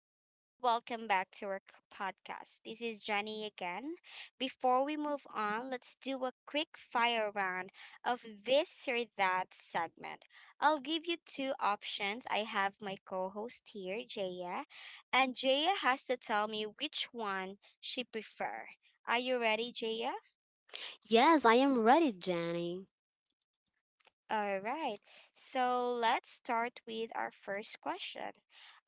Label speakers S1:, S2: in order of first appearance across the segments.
S1: Hello, welcome back to our podcast. This is Jenny again. Before we move on, let's do a quick fire round of this or that segment. I'll give you two options. I have my co host here, Jaya, and Jaya has to tell me which one she prefer. Are you ready, Jaya?
S2: Yes, I am ready, Jenny.
S1: All right. So let's start with our first question.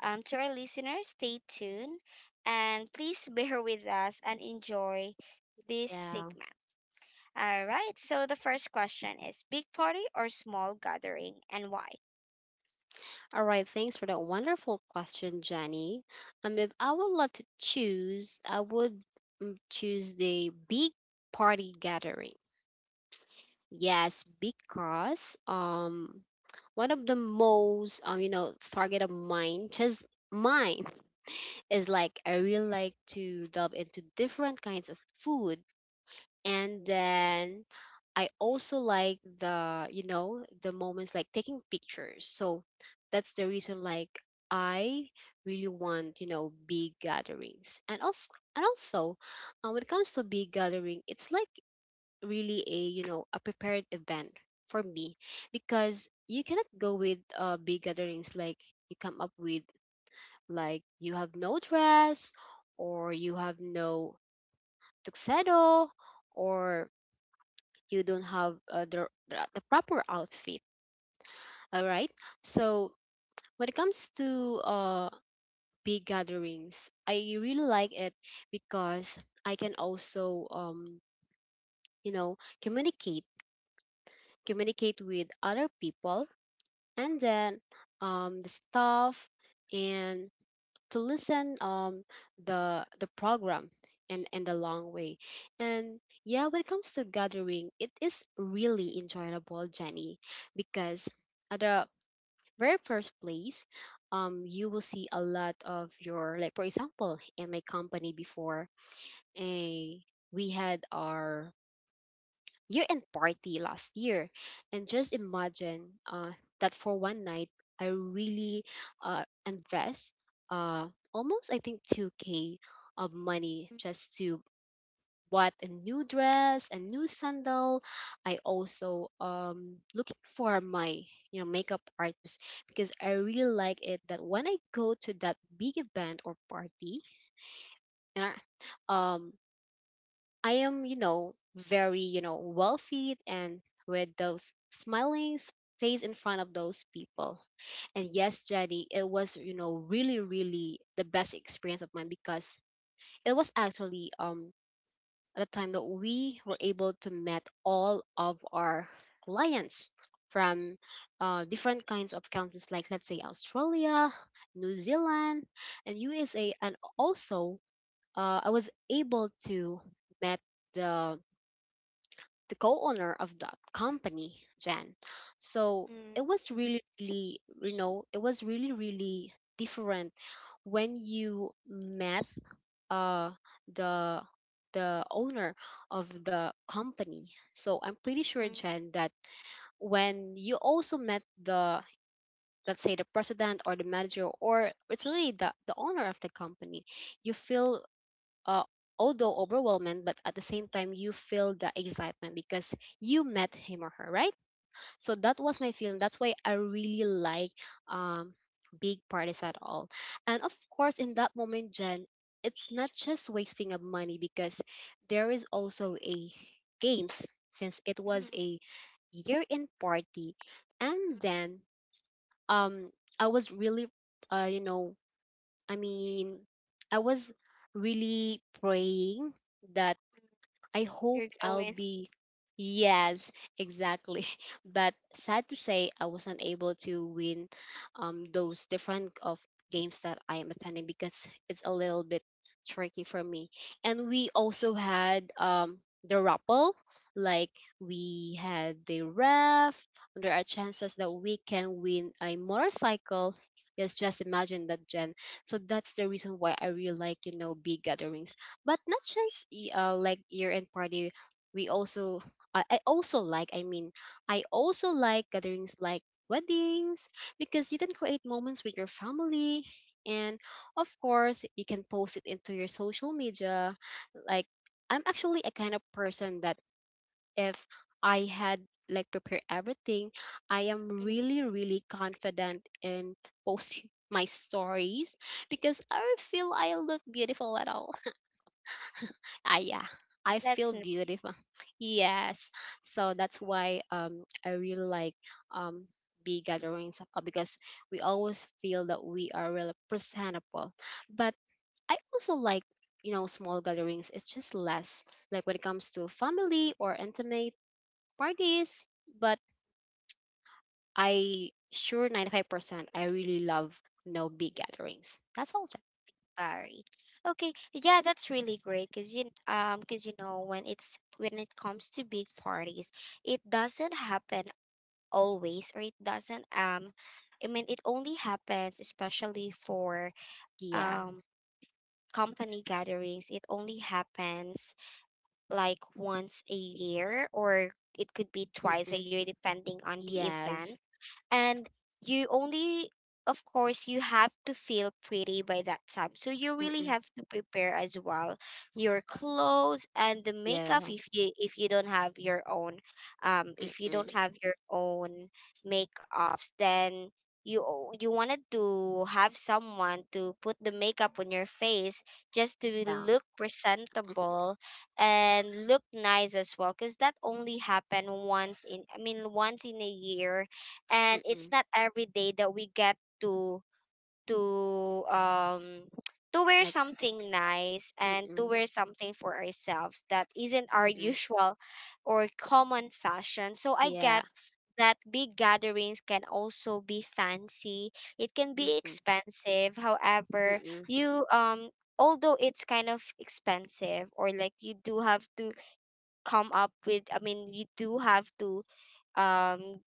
S1: To our listeners, stay tuned and please bear with us and enjoy this
S2: Yeah.
S1: segment. All right. So the first question is, big party or small gathering, and why?
S2: All right. Thanks for that wonderful question, Jenny. If I would love to choose, I would choose the big party gathering. Yes, because one of the most target of mine, just mine, is like I really like to delve into different kinds of food, and then I also like the the moments like taking pictures. So that's the reason like I really want big gatherings, and also when it comes to big gathering, it's like really a a prepared event for me, because you cannot go with big gatherings like you come up with, like you have no dress or you have no tuxedo or you don't have the proper outfit. All right. So when it comes to big gatherings, I really like it because I can also you know communicate communicate with other people, and then the staff, and to listen the program in the long way. And yeah, when it comes to gathering, it is really enjoyable, Jenny, because at the very first place, you will see a lot of your, like for example in my company before, a we had our year-end party last year, and just imagine that for one night I really invest uh, almost I think 2K of money
S1: Mm,
S2: just to bought a new dress, a new sandal. I also looking for my makeup artist because I really like it that when I go to that big event or party, and I, um I am, very, well feed, and with those face in front of those people. And yes, Jenny, it was, really, really the best experience of mine, because it was actually at the time that we were able to met all of our clients from different kinds of countries, like let's say Australia, New Zealand, and USA, and also I was able to met the the co-owner of that company, Jen. So
S1: mm,
S2: it was really, really, it was really, really different when you met uh the the owner of the company. So I'm pretty sure,
S1: mm,
S2: Jen, that when you also met the, let's say the president or the manager, or it's really the owner of the company, you feel uh, although overwhelming, but at the same time, you feel the excitement because you met him or her, right? So that was my feeling. That's why I really like um, big parties at all. And of course, in that moment, Jen, it's not just wasting of money, because there is also a games, since it
S1: mm,
S2: was
S1: mm,
S2: a year-end party, and
S1: mm.
S2: then um, I was really, uh, you know, I mean, I was really praying that I hope
S1: You're
S2: I'll
S1: going.
S2: be. Yes, exactly. But sad to say, I wasn't able to win those different of games that I am attending, because it's a little bit tricky for me. And we also had the rappel, like we had the ref. There are chances that we can win a motorcycle. Yes, just imagine that, Jen. So that's the reason why I really like, big gatherings, but not just like year-end party. We also I, I also like i mean I also like gatherings like weddings, because you can create moments with your family, and of course you can post it into your social media. Like, I'm actually a kind of person that if I had like prepare everything, I am
S1: Mhm,
S2: really really confident in posting my stories, because I feel I look beautiful at all. Ah, yeah, I
S1: That's
S2: feel
S1: mhm.
S2: beautiful. Yes, so that's why I really like um big gatherings, because we always feel that we are really presentable. But I also like, small gatherings. It's just less, like when it comes to family or intimate parties. But I sure 95% I really love no big gatherings. That's all. Jack.
S1: Sorry. Okay, yeah, that's really great because you know when it's when it comes to big parties, it doesn't happen always, or it doesn't I mean it only happens especially for
S2: Yeah.
S1: um company gatherings. It only happens like once a year, or it could be twice a
S2: Mm-mm.
S1: year depending on the event.
S2: Yes.
S1: And you only, of course, you have to feel pretty by that time, so you really
S2: Mm-mm.
S1: have to prepare as well your clothes and the makeup.
S2: Yeah.
S1: If you don't have your own, if you
S2: Mm-mm.
S1: don't have your own makeups, then you wanted to have someone to put the makeup on your face just to
S2: Yeah.
S1: look presentable and look nice as well, because that only happen once in, I mean, once in a year. And
S2: Mm-mm.
S1: it's not every day that we get to to wear
S2: Like,
S1: something nice and to
S2: mm-mm,
S1: wear something for ourselves that isn't our
S2: mm-mm,
S1: usual or common fashion. So I
S2: yeah,
S1: get that big gatherings can also be fancy. It can be
S2: mm-mm,
S1: expensive. However,
S2: mm-mm,
S1: you although it's kind of expensive, or like you do have to come up with, I mean, you do have to um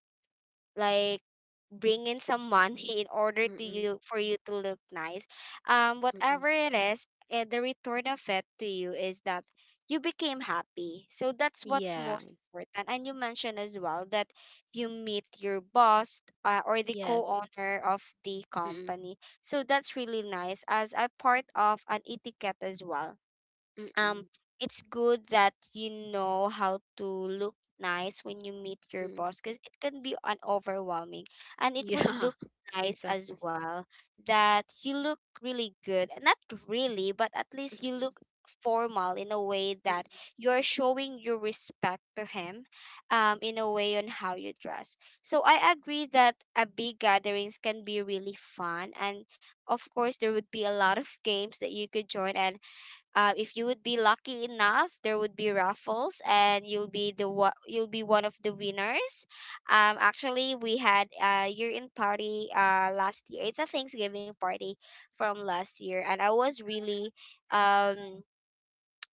S1: like bring in some money in order to
S2: mm-mm,
S1: you for you to look nice. um
S2: mm-mm,
S1: whatever it is, the return of it to you is that you became happy. So that's what's
S2: yeah,
S1: most important. And you mentioned as well that you meet your boss, or the
S2: yes,
S1: co-owner of the
S2: mm-mm,
S1: company. So that's really nice as a part of an etiquette as well. um
S2: mm-mm,
S1: it's good that you know how to look nice when you meet your
S2: mm-mm,
S1: boss, because it can be an overwhelming, and it would
S2: yeah,
S1: look nice as
S2: exactly.
S1: well that you look really good. Not really, but at least you
S2: Mm-mm,
S1: look formal in a way that
S2: mm-mm.
S1: you're showing your respect to him, in a way on how you dress. So I agree that a big gatherings can be really fun, and of course there would be a lot of games that you could join, and if you would be lucky enough, there would be raffles and you'll be you'll be one of the winners. Actually, we had a year end party last year. It's a thanksgiving party from last year, and I was um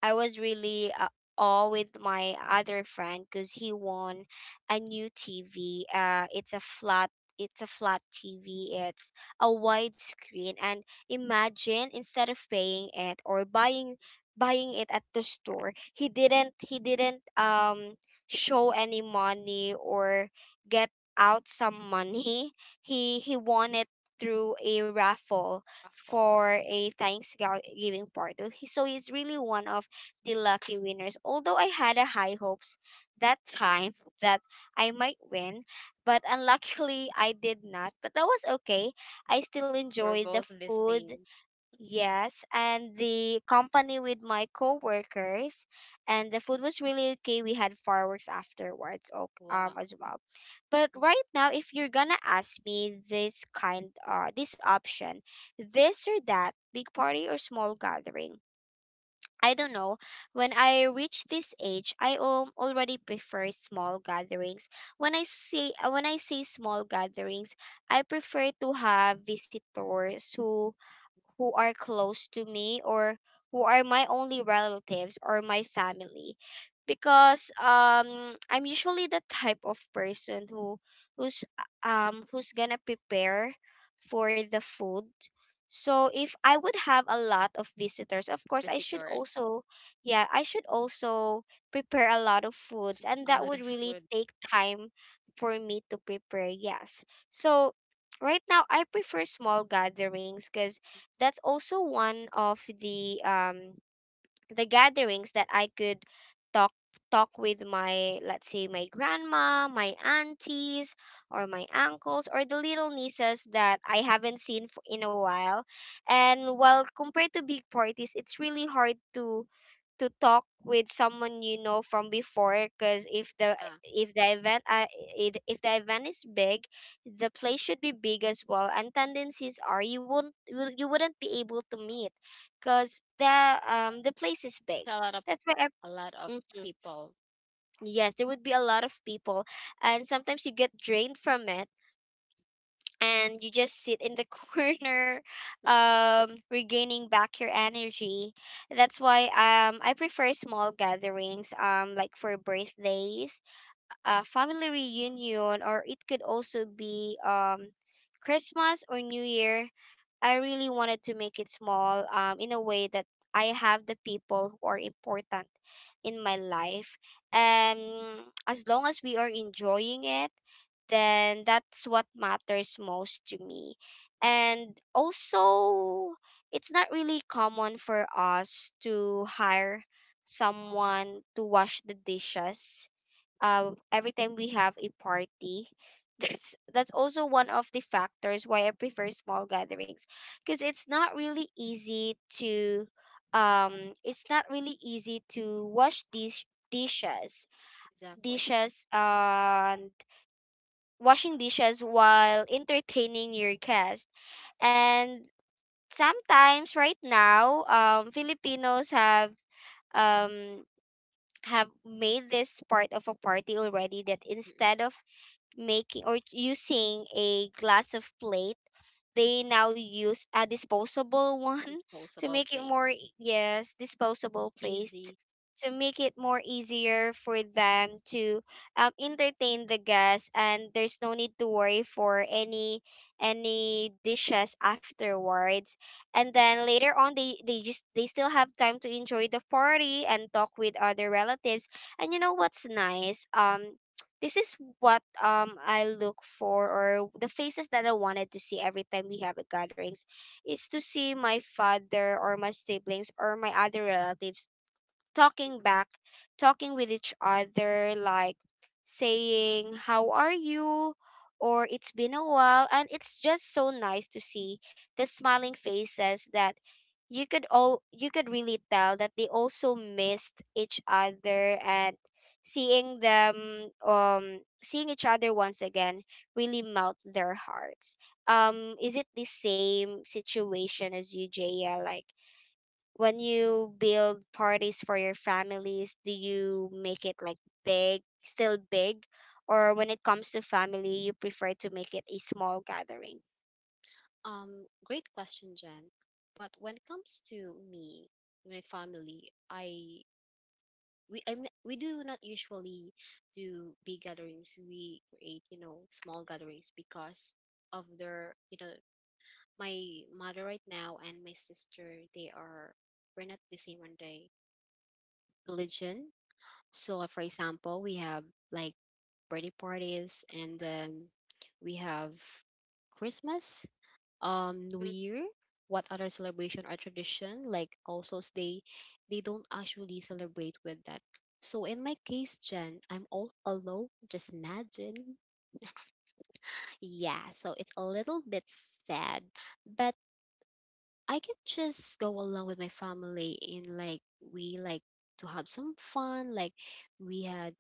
S1: really awe with my other friend because he won a new TV. It's a flat. It's a flat TV. It's a wide screen, and imagine instead of paying it or buying it at the store, he didn't show any money or get out some money. He won it through a raffle
S2: Ruffle.
S1: for a Thanksgiving party. So he's really one of the lucky winners. Although I had a high hopes that time that I might win, but unluckily I did not. But that was okay. I still
S2: We're
S1: enjoyed the
S2: both the
S1: food,
S2: same.
S1: yes, and the company with my coworkers, and the food was really okay. We had fireworks afterwards,
S2: Wow,
S1: as well. But right now, if you're gonna ask me this kind, this option, this or that, big party or small gathering, I don't know. When I reach this age, I already prefer small gatherings. When I say small gatherings, I prefer to have visitors who are close to me, or who are my only relatives or my family, because I'm usually the type of person who's who's gonna prepare for the food. So if I would have a lot of visitors, of course I should
S2: visitors,
S1: also, yeah, I should also prepare a lot of foods, and
S2: a
S1: that
S2: lot
S1: would
S2: of
S1: really
S2: food.
S1: take time for me to prepare. Yes. So right now I prefer small gatherings, cuz that's also one of the the gatherings that I could talk talk with my, let's say, my grandma, my aunties, or my uncles, or the little nieces that I haven't seen for, in a while. And while compared to big parties, it's really hard to talk with someone you know from before, because
S2: Yeah,
S1: if the event uh, if the event is big, the place should be big as well, and tendencies are you won't you you wouldn't be able to meet because the the place is
S2: it's
S1: big.
S2: a lot of
S1: That's why I,
S2: a lot of
S1: mhm,
S2: people.
S1: yes, there would be a lot of people, and sometimes you get drained from it, and you just sit in the corner regaining back your energy. That's why I prefer small gatherings, like for birthdays, a family reunion, or it could also be Christmas or New Year. I really wanted to make it small, in a way that I have the people who are important in my life. And as long as we are enjoying it, then that's what matters most to me. And also, it's not really common for us to hire someone to wash the dishes every time we have a party. That's also one of the factors why I prefer small gatherings, because it's not really easy to it's not really easy to wash these dishes
S2: Exactly.
S1: dishes, and washing dishes while entertaining your guest. And sometimes right now Filipinos um have made this part of a party already that
S2: Mm-mm.
S1: instead of making or using a glass of plate, they now use a disposable one. to
S2: Disposable
S1: make it more
S2: plates,
S1: e- yes, disposable plate
S2: easy.
S1: to make it more easier for them to, entertain the guests, and there's no need to worry for any dishes afterwards. And then later on, they still have time to enjoy the party and talk with other relatives. And you know what's nice, this is what I look for, or the faces that I wanted to see every time we have a gatherings, is to see my father or my siblings or my other relatives talking back, talking with each other, like saying, "How are you?" Or, "It's been a while." And it's just so nice to see the smiling faces that you could really tell that they also missed each other, and seeing them seeing each other once again really melt their hearts. Is it the same situation as you, Jaya? Like when you build parties for your families, do you make it like big, still big, or when it comes to family, you prefer to make it a small gathering?
S2: Great question, Jen. But when it comes to me, my family, we do not usually do big gatherings. We create, small gatherings, because of their, my mother right now and my sister, they are we're not the same on the religion. So for example, we have like birthday parties, and then we have Christmas, New Year, what other celebration or tradition, like also they don't actually celebrate with that. So in my case, Jen, I'm all alone. Just imagine. Yeah, so it's a little bit sad, but I can just go along with my family in, like, we like to have some fun. Like, we had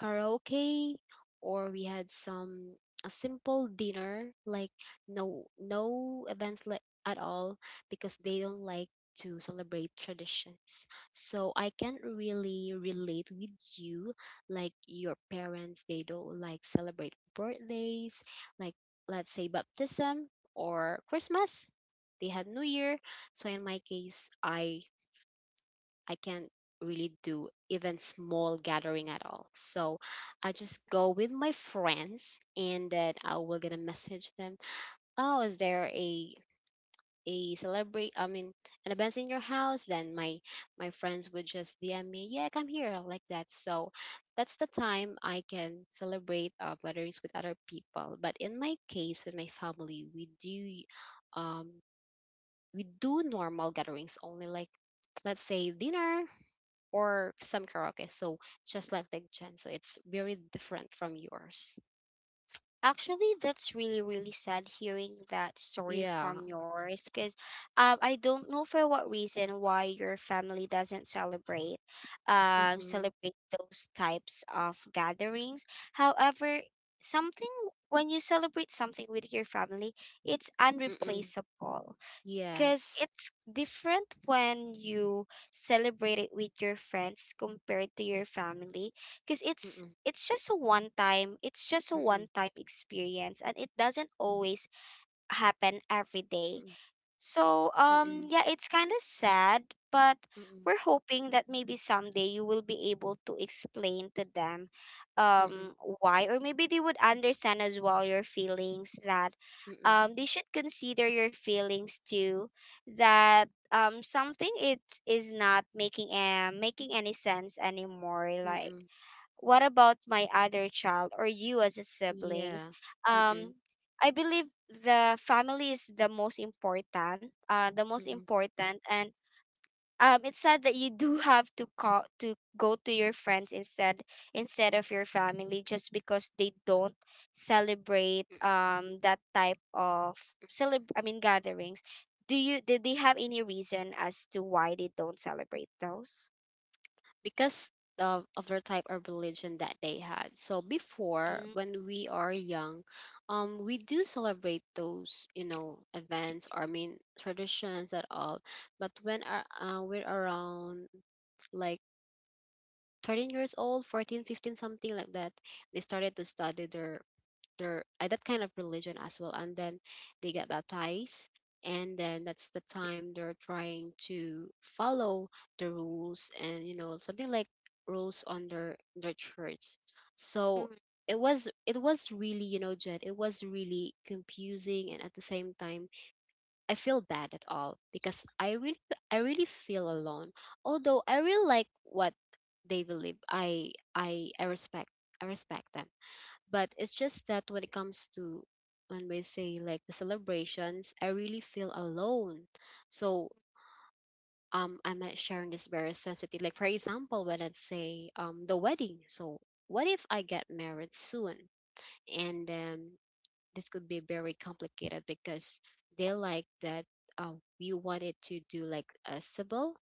S2: karaoke or we had some a simple dinner, like no no events like at all, because they don't like to celebrate traditions, so I can't really relate with you, like your parents, they don't like celebrate birthdays, like let's say baptism or Christmas, they had New Year. So in my case, I can't really do even small gathering at all. So I just go with my friends, and then I will gonna message them. Oh, is there a celebrate, I mean an event in your house? Then my friends would just DM me, yeah, come here, like that. So that's the time I can celebrate gatherings with other people. But in my case, with my family, um we do normal gatherings only, like let's say dinner or some karaoke. So just like the Gen, so it's very different from yours.
S1: Actually, that's really, really sad hearing that story
S2: Yeah.
S1: from yours, because I don't know for what reason why your family doesn't
S2: Mm-hmm.
S1: celebrate those types of gatherings. However, something, when you celebrate something with your family, it's
S2: Mm-mm.
S1: unreplaceable, because
S2: Yes.
S1: it's different when you celebrate it with your friends compared to your family, because
S2: Mm-mm.
S1: it's just a one time, it's just a
S2: Mm-mm.
S1: one time experience, and it doesn't always happen every day.
S2: Mm-mm.
S1: So,
S2: Mm-mm.
S1: yeah, it's kind of sad, but
S2: Mm-mm.
S1: we're hoping that maybe someday you will be able to explain to them,
S2: Mm-mm.
S1: um, why, or maybe they would understand as well your feelings, that
S2: Mm-mm.
S1: they should consider your feelings too, that something it is not making making any sense anymore, like
S2: Mm-mm.
S1: what about my other child, or you as a siblings.
S2: Yeah. Mm-mm.
S1: um I believe the family is the most important, the most
S2: Mm-mm.
S1: important. And it's sad that you do have to call to go to your friends instead, instead of your family just because they don't celebrate that type of celeb I mean gatherings. Do you do they have any reason as to why they don't celebrate those?
S2: Because of their type of religion that they had. So before,
S1: Mm.
S2: when we are young, we do celebrate those, events, or I mean traditions at all. But when are we're around like 13 years old, 14, 15, something like that, they started to study their that kind of religion as well, and then they get baptized, and then that's the time they're trying to follow the rules, and you know something like rules on their church. So
S1: Mm,
S2: it was really, you know, Jed, it was really confusing, and at the same time I feel bad at all, because I really feel alone. Although I really like what they believe, I respect, I respect them, but it's just that when it comes to, when we say like the celebrations, I really feel alone. So I'm not sharing this very sensitive. Like for example, when I say the wedding. So what if I get married soon? And then this could be very complicated, because they like that uh, we wanted to do like a civil,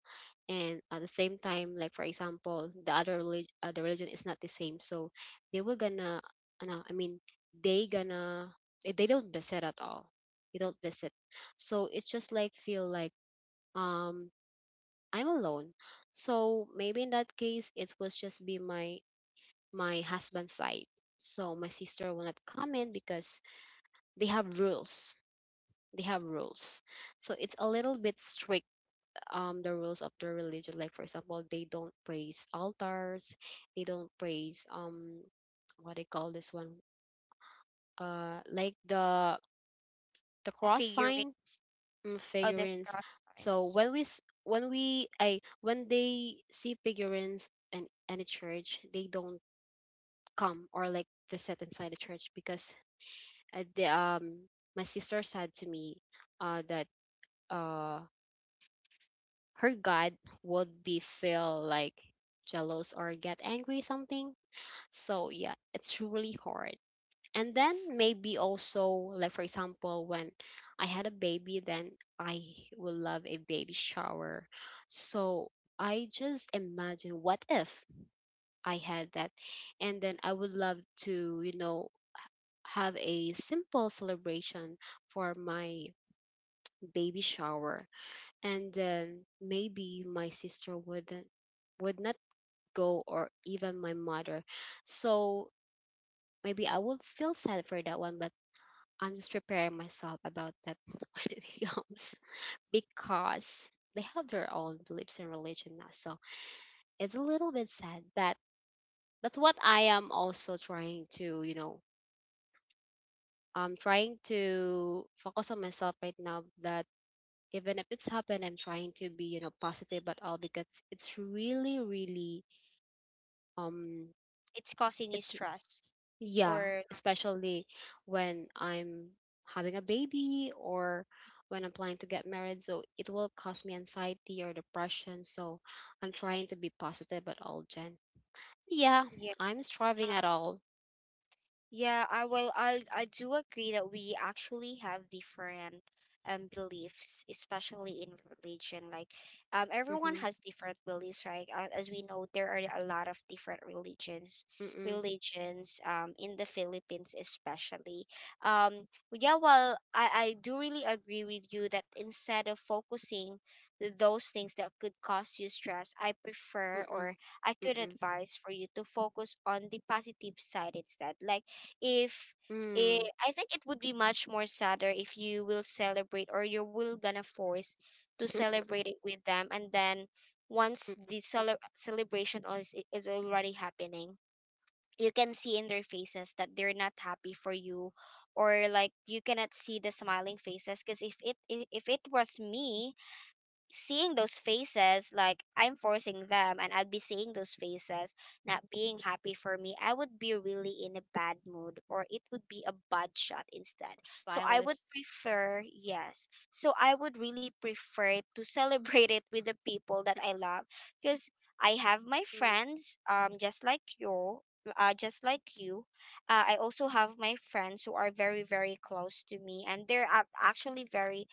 S2: and at the same time, like for example the the religion is not the same, so they were gonna no, I mean they gonna they don't visit at all, they don't visit. So it's just like feel like, um I'm alone. So maybe in that case it was just be my husband's side, so my sister will not come in, because they have rules they have rules, so it's a little bit strict, the rules of their religion. Like for example, they don't praise altars, they don't praise what they call this one like the cross
S1: figuring,
S2: sign, mm,
S1: other
S2: figurines.
S1: cross
S2: So
S1: friends.
S2: when when we I when they see figurines in any church, they don't come or like visit inside the church, because the my sister said to me that uh her god would be feel like jealous or get angry something. So yeah, it's really hard. And then maybe also, like for example, when I had a baby, then I would love a baby shower. So I just imagine, what if I had that, and then I would love to, you know, have a simple celebration for my baby shower, and then maybe my sister would not go, or even my mother. So maybe I would feel sad for that one, but I'm just preparing myself about that when it comes. Because they have their own beliefs and religion now, so it's a little bit sad, but that's what I am also trying to, you know, I'm trying to focus on myself right now, that even if it's happened, I'm trying to be, you know, positive about all, because it's really really um
S1: It's causing you
S2: it's,
S1: stress,
S2: yeah,
S1: or
S2: especially when I'm having a baby, or when I'm planning to get married, so it will cause me anxiety or depression. So I'm trying to be positive at all, Jen. Yeah,
S1: yes.
S2: I'm striving
S1: uh,
S2: at all.
S1: Yeah, I, well, I do agree that we actually have different beliefs, especially in religion. Like, everyone
S2: Mm-hmm.
S1: has different beliefs, right? As we know, there are a lot of different
S2: Mm-mm.
S1: religions in the Philippines especially. Yeah, well, I do really agree with you that instead of focusing those things that could cause you stress, I prefer,
S2: Mm-mm.
S1: or I could
S2: Mm-mm.
S1: advise for you to focus on the positive side instead. Like if eh,
S2: Mm.
S1: I think it would be much more sadder if you will celebrate or you will gonna force to celebrate it with them, and then once the
S2: Mm-mm.
S1: celebration is already happening, you can see in their faces that they're not happy for you, or like you cannot see the smiling faces. Because if it was me, seeing those faces, like I'm forcing them and I'd be seeing those faces not being happy for me, I would be really in a bad mood or it would be a bad shot instead. So I would
S2: Stylist.
S1: prefer, yes. So I would really prefer to celebrate it with the people that I love because I have my
S2: Mm,
S1: friends, just like you. Just like you, I also have my friends who are very, very close to me, and they're actually very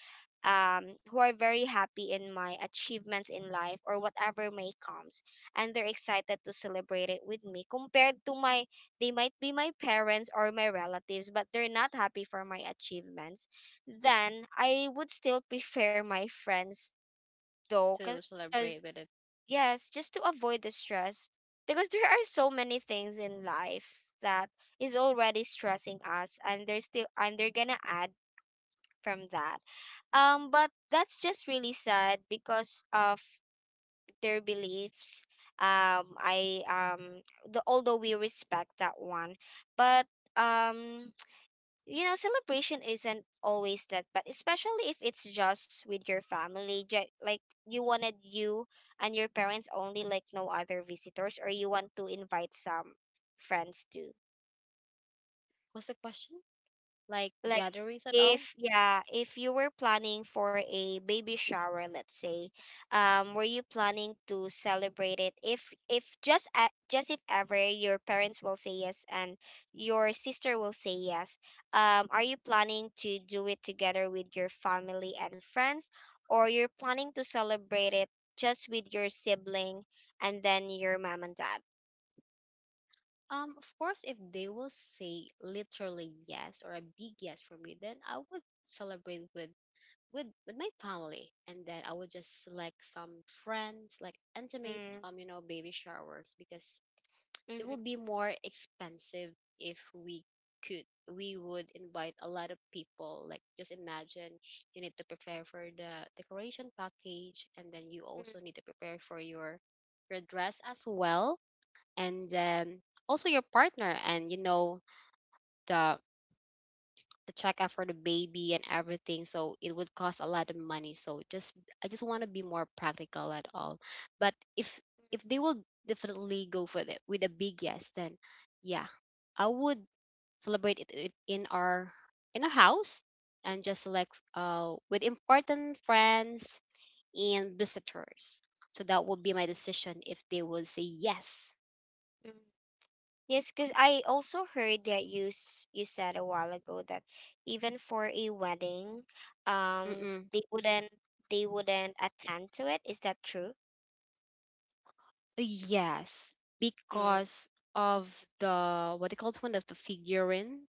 S1: who are very happy in my achievements in life or whatever may comes, and they're excited to celebrate it with me compared to my, they might be my parents or my relatives but they're not happy for my achievements. Then I would still prefer my friends though,
S2: to celebrate
S1: because
S2: with it.
S1: yes, just to avoid the stress, because there are so many things in life that is already stressing us, and they're gonna add from that. But that's just really sad because of their beliefs. I although we respect that one, but um, celebration isn't always that. But especially if it's just with your family, like you wanted you and your parents only, like no other visitors, or you want to invite some friends too.
S2: What's the question? Like the
S1: Like,
S2: gatherings at all?
S1: if yeah, if you were planning for a baby shower, let's say, um, were you planning to celebrate it if just a just if ever your parents will say yes and your sister will say yes? Um, are you planning to do it together with your family and friends, or you're planning to celebrate it just with your sibling and then your mom and dad?
S2: Of course, if they will say literally yes or a big yes for me, then I would celebrate with with my family, and then I would just select some friends, like intimate, you know, baby showers, because it
S1: Mm-hmm.
S2: will be more expensive if we could, we would invite a lot of people. Like, just imagine, you need to prepare for the decoration package, and then you also need to prepare for your dress as well, and also your partner, and you know, the the checkup for the baby and everything, so it would cost a lot of money. So just, I just want to be more practical at all. But if they will definitely go for it with a big yes, then yeah, I would celebrate it it in our house, and just select with important friends and visitors. So that would be my decision if they will say yes.
S1: Yes, because I also heard that you you said a while ago that even for a wedding, um,
S2: Mm-mm.
S1: they wouldn't they wouldn't attend to it. Is that true?
S2: Yes,
S1: Mm.
S2: because of the, what they call it, one of the figurine.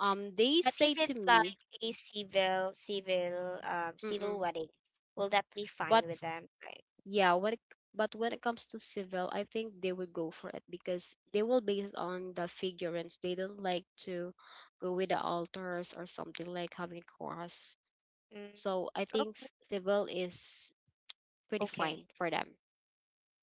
S2: They
S1: But
S2: say
S1: if
S2: to
S1: it's like
S2: me,
S1: a civil
S2: mm-mm.
S1: wedding, will that be fine
S2: But
S1: with
S2: f-
S1: them? Right.
S2: yeah, what it- but when it comes to civil, I think they would go for it, because they will base on the figurines. They don't like to go with the altars or something like having a cross.
S1: Mm,
S2: So I think
S1: okay.
S2: s- civil is pretty fine
S1: Okay.
S2: for them.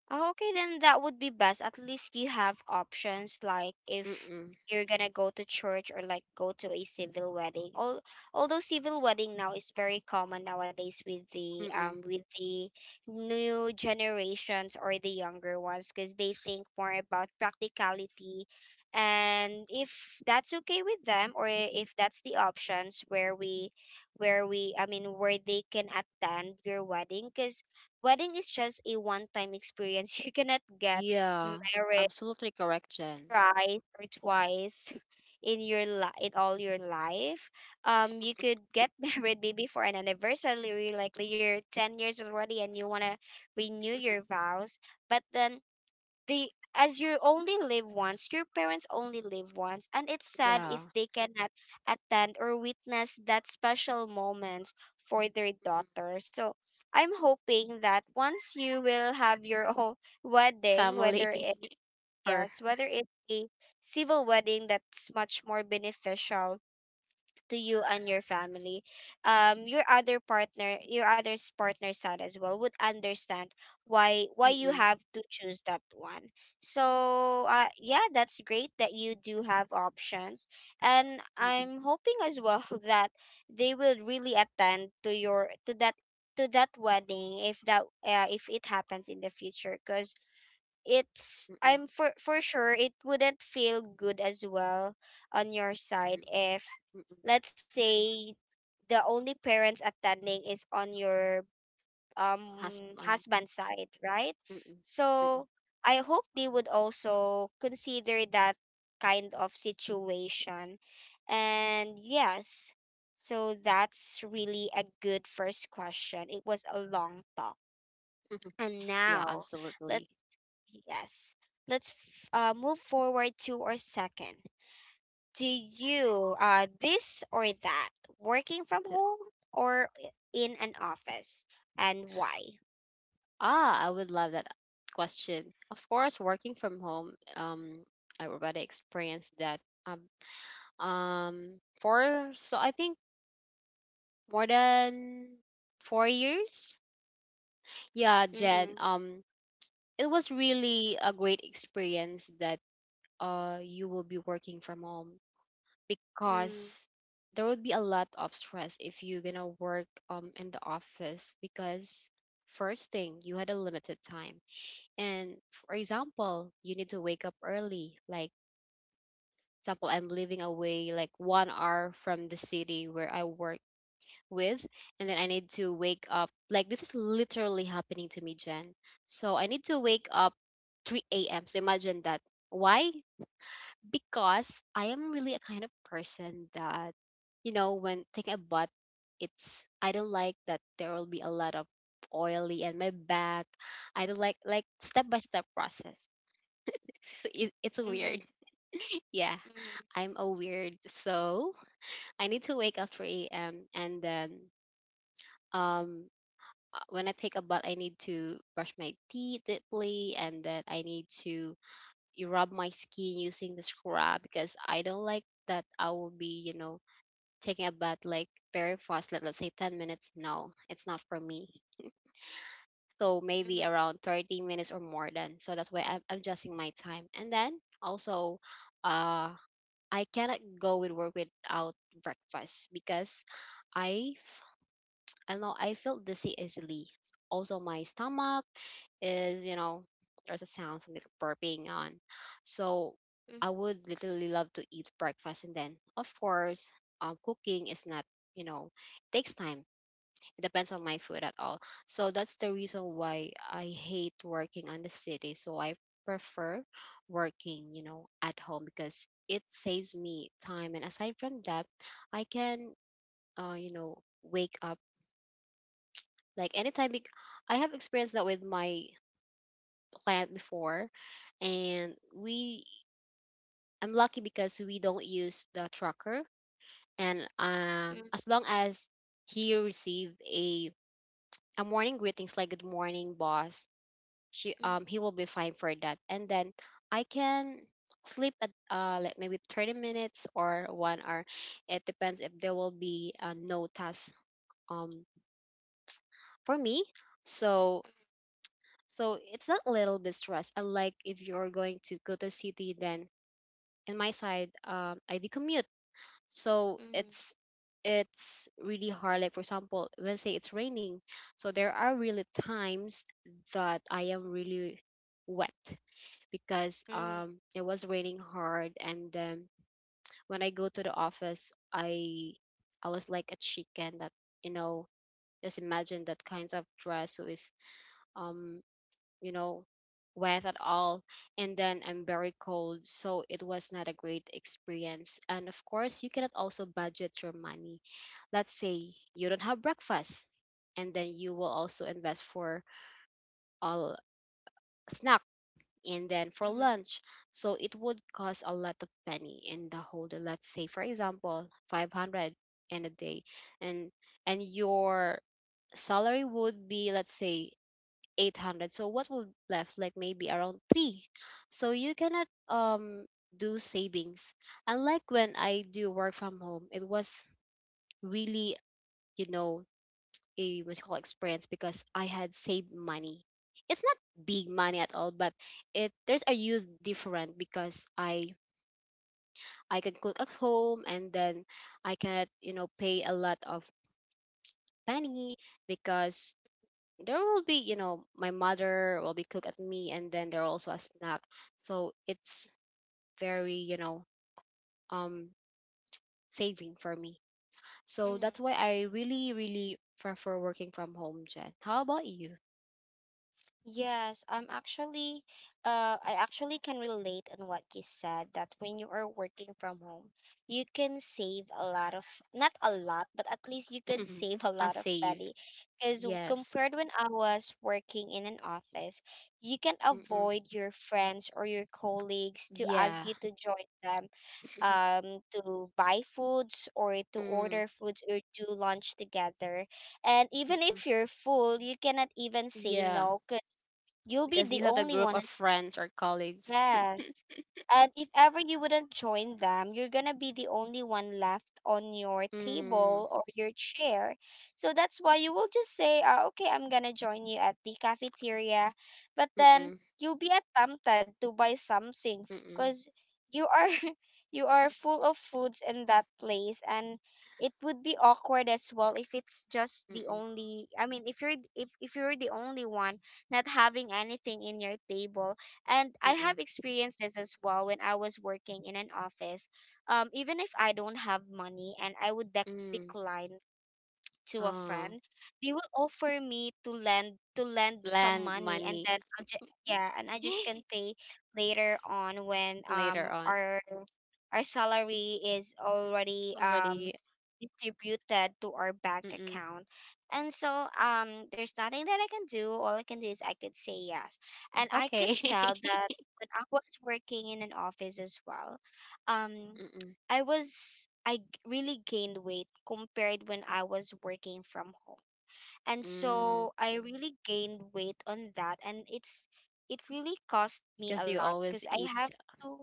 S1: Oh, okay, then that would be best. At least you have options, like if
S2: Mm-mm.
S1: you're gonna go to church or like go to a civil wedding. Al, although civil wedding now is very common nowadays
S2: Mm-mm.
S1: with the new generations or the younger ones, because they think more about practicality. And if that's okay with them, or if that's the options where we I mean where they can attend your wedding, because wedding is just a one-time experience. You cannot get
S2: Yeah,
S1: married
S2: absolutely correct, Jen.
S1: thrice or twice in your in all your life. You could get married maybe for an anniversary, like you're 10 years already, and you wanna renew your vows. But then they, as you only live once, your parents only live once, and it's sad if
S2: Yeah.
S1: they cannot attend or witness that special moment for their daughter. So I'm hoping that once you will have your own wedding,
S2: Family
S1: whether it
S2: or
S1: yes, whether it's a civil wedding, that's much more beneficial to you and your family. Um, your other partner, your other's partner side as well would understand why you
S2: mm-mm,
S1: have to choose that one. So uh, yeah, that's great that you do have options, and
S2: mm-mm,
S1: I'm hoping as well that they will really attend to your, to that, to that wedding, if that if it happens in the future, because it's
S2: mm-mm,
S1: I'm for sure it wouldn't feel good as well on your
S2: mm,
S1: side if,
S2: mm-mm,
S1: let's say, the only parents attending is on your
S2: husband.
S1: husband's side, right?
S2: Mm-mm, mm-mm,
S1: So I hope they would also consider that kind of situation. And yes, so that's really a good first question. It was a long talk.
S2: mm-mm.
S1: And
S2: Yeah,
S1: now, let
S2: absolutely.
S1: yes, let's move forward to our second. Do you, uh, this or that, working from
S2: Th-
S1: home or in an office, and why?
S2: Ah, I would love that question. Of course, working from home, everybody experienced that. Um, for so I think more than 4 years. Yeah, Jen.
S1: Mm-hmm.
S2: It was really a great experience that you will be working from home,
S1: Mm-hmm.
S2: because there would be a lot of stress if you're gonna work in the office, because first thing, you had a limited time, and for example, you need to wake up early, like, example, I'm living away like 1 hour from the city where I work with. And then I need to wake up, like, this is literally happening to me, Jen. So I need to wake up 3 a.m, so imagine that. Why? Because I am really a kind of person that, you know, when taking a bath, it's I don't like that there will be a lot of oily and my back. I don't like step by step process. So, it's weird.
S1: Mm-hmm.
S2: Yeah,
S1: Mm-hmm.
S2: I'm a weird. So I need to wake up 3 a.m. And then um when I take a bath, I need to brush my teeth deeply, and then I need to you rub my skin using the scrub, because I don't like that I will be, you know, taking a bath like very fast, let's say 10 minutes, no, it's not for me. So maybe
S1: Mm-hmm.
S2: around 30 minutes or more than. So that's why I'm adjusting my time. And then also, uh, I cannot go with work without breakfast, because I, f- I know I feel dizzy easily. Also my stomach is, you know, there's a sound, some little burping on, so I would literally love to eat breakfast. And then of course, cooking is, not, you know, takes time. It depends on my food at all. So that's the reason why I hate working on the city, so I prefer working, you know, at home, because it saves me time. And aside from that, I can you know, wake up like anytime, bec- I have experienced that with my plant before, and we, I'm lucky because we don't use the tracker, and
S1: Mm-hmm.
S2: as long as he receive a morning greetings, like good morning boss, she he will be fine for that. And then I can sleep at like maybe 30 minutes or 1 hour. It depends if there will be no task um for me. So, so it's not a little bit stress, unlike if you're going to go to city. Then in my side, I do commute, so
S1: Mm-hmm.
S2: it's really hard. Like for example, let's say it's raining, so there are really times that I am really wet, because it was raining hard. And then when I go to the office, I was like a chicken that, you know, just imagine that kinds of dress who is um you know, wet at all. And then I'm very cold. So it was not a great experience. And of course, you cannot also budget your money. Let's say you don't have breakfast, and then you will also invest for a snack, and then for
S1: Mm-hmm.
S2: lunch. So it would cost a lot of money in the whole day. Let's say, for example, 500 in a day. And and your salary would be, let's say, 800, so what will left, like maybe around 3, so you cannot do savings, unlike when I do work from home. It was really, you know, a what you call experience, because I had saved money. It's not big money at all, but it, there's a use different, because I can cook at home, and then I can, you know, pay a lot of money, because there will be, you know, my mother will be cook at me, and then there also a snack. So it's very, you know, um saving for me. So
S1: Mm-hmm.
S2: that's why I really really prefer working from home, Jen. How about you?
S1: Yes, I'm actually, I actually can relate on what you said that when you are working from home, you can save a lot of, not a lot, but at least you could save a
S2: A
S1: lot of
S2: save.
S1: money. Because
S2: Yes.
S1: compared when I was working in an office, you can
S2: Mm-mm.
S1: avoid your friends or your colleagues to ask
S2: Yeah.
S1: you to join them, to buy foods or to
S2: Mm.
S1: order foods or do lunch together. And even
S2: Mm-mm.
S1: if you're full, you cannot even say
S2: Yeah,
S1: no, 'cause you'll be
S2: because you
S1: the
S2: have the
S1: only
S2: group
S1: one.
S2: of
S1: It's
S2: friends or colleagues.
S1: sad. And if ever you wouldn't join them, you're gonna be the only one left on your
S2: Mm,
S1: table or your chair. So that's why you will just say, okay, I'm gonna join you at the cafeteria. But then
S2: mm-mm,
S1: you'll be tempted to buy something
S2: mm-mm,
S1: because you are you are full of foods in that place, and it would be awkward as well if it's just the
S2: mm-mm,
S1: only, I mean if you're the only one not having anything in your table. And I
S2: mm-mm,
S1: have experienced this as well when I was working in an office. Even if I don't have money and I would
S2: mm.
S1: decline to a
S2: Ah,
S1: friend, they will offer me to lend some
S2: land
S1: money, and
S2: money.
S1: then I'll ju- yeah, and I just can pay later on when
S2: Later on
S1: our salary is already
S2: already,
S1: distributed to our bank
S2: mm-mm.
S1: account. And so there's nothing that I can do, all I can do is I could say yes. And I could
S2: Okay.
S1: tell that when I was working in an office as well, um,
S2: Mm-mm.
S1: I was I g- really gained weight compared when I was working from home. And
S2: Mm,
S1: so I really gained weight on that, and it's it really cost me
S2: because
S1: a
S2: you
S1: lot,
S2: always
S1: because I
S2: eat.
S1: have to,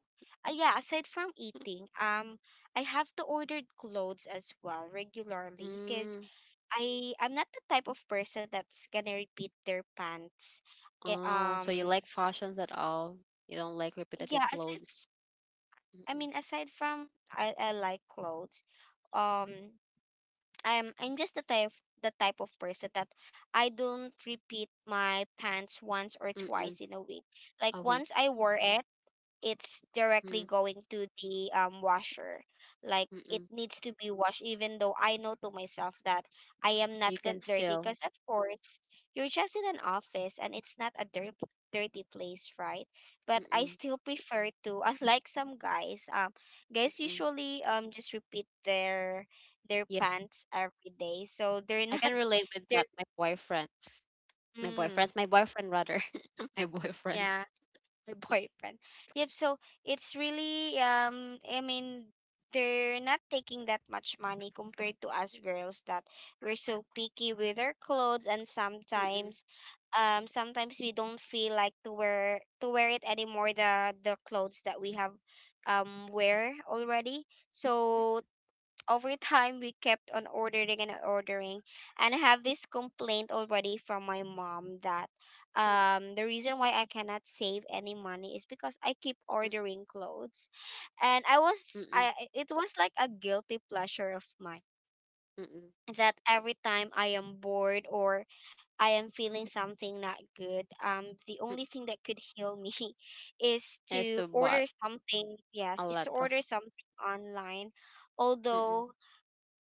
S1: yeah, aside from eating, um, I have to order clothes as well regularly, because
S2: Mm.
S1: I, I'm not the type of person that's gonna repeat their pants. Eh,
S2: Oh, so you
S1: um
S2: like fashions at all? You don't like repetitive
S1: yeah, aside
S2: clothes.
S1: I
S2: Mm-mm.
S1: mean aside from, I like clothes, um, I'm just the type, the type of person that I don't repeat my pants once or
S2: Mm-mm.
S1: twice in a week.
S2: A
S1: Like once
S2: week.
S1: I wore it, it's directly
S2: Mm.
S1: going to the washer. Like it
S2: Mm-mm.
S1: needs to be washed, even though I know to myself that I am
S2: You
S1: not
S2: can
S1: that dirty.
S2: still,
S1: Because of course, you're just in an office and it's not a dirty place, right? But I
S2: mm-mm.
S1: still prefer to, unlike some guys, guys
S2: Mm-mm.
S1: usually just repeat their
S2: Yeah,
S1: pants every day, so they're
S2: I can
S1: not
S2: relate with
S1: they're
S2: that, my boyfriend, my
S1: mm,
S2: boyfriends my boyfriend rather. My
S1: yeah,
S2: boyfriends.
S1: the boyfriend. Yep, so it's really I mean they're not taking that much money compared to us girls that we're so picky with our clothes, and
S2: Mm-mm.
S1: sometimes sometimes we don't feel like to wear it anymore, the clothes that we have wear already. So over time we kept on ordering and ordering, and I have this complaint already from my mom that
S2: Mm-mm.
S1: the reason why I cannot save any money is because I keep
S2: Mm-mm.
S1: ordering clothes. And I was,
S2: Mm-mm.
S1: I it was like a guilty pleasure of mine
S2: Mm-mm.
S1: that every time I am bored or I am feeling something not good, the only thing that could heal me is
S2: Yes,
S1: to
S2: so
S1: order
S2: bought
S1: something,
S2: a
S1: yes, is to
S2: lot
S1: order
S2: of
S1: something online,
S2: mm. Mm-mm.
S1: although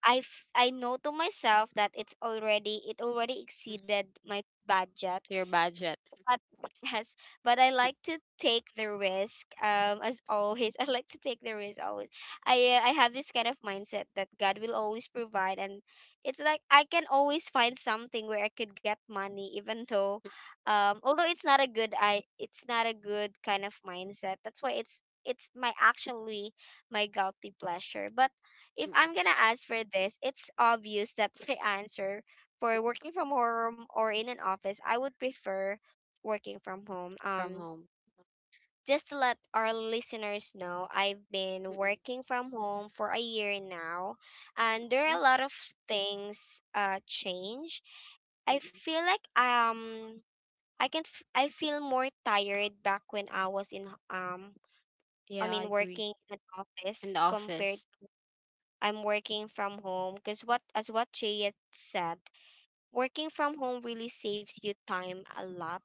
S1: I I know to myself that it already
S2: Mm.
S1: exceeded my budget.
S2: To your budget.
S1: But yes, but I like to take the risk. As always, I like to take the risk always. I have this kind of mindset that God will always provide, and it's like I can always find something where I could get money, even though, although it's not a good, it's not a good kind of mindset. That's why it's my actually my guilty pleasure. But if
S2: Mm-mm. Mm.
S1: I'm gonna ask for this, it's obvious that my answer for working from home or in an office, I would prefer working from home.
S2: From home.
S1: Just to let our listeners know, I've been
S2: Mm-mm.
S1: working from home for a year now, and there are
S2: Mm-mm.
S1: a lot of things change. I
S2: Mm-mm.
S1: feel like I can I feel more tired back when I was in I
S2: Yeah, I
S1: mean
S2: agree.
S1: working in an
S2: In
S1: office
S2: the
S1: compared
S2: office.
S1: I'm working from home, because what as what Jay had said, working from home really saves you time a lot.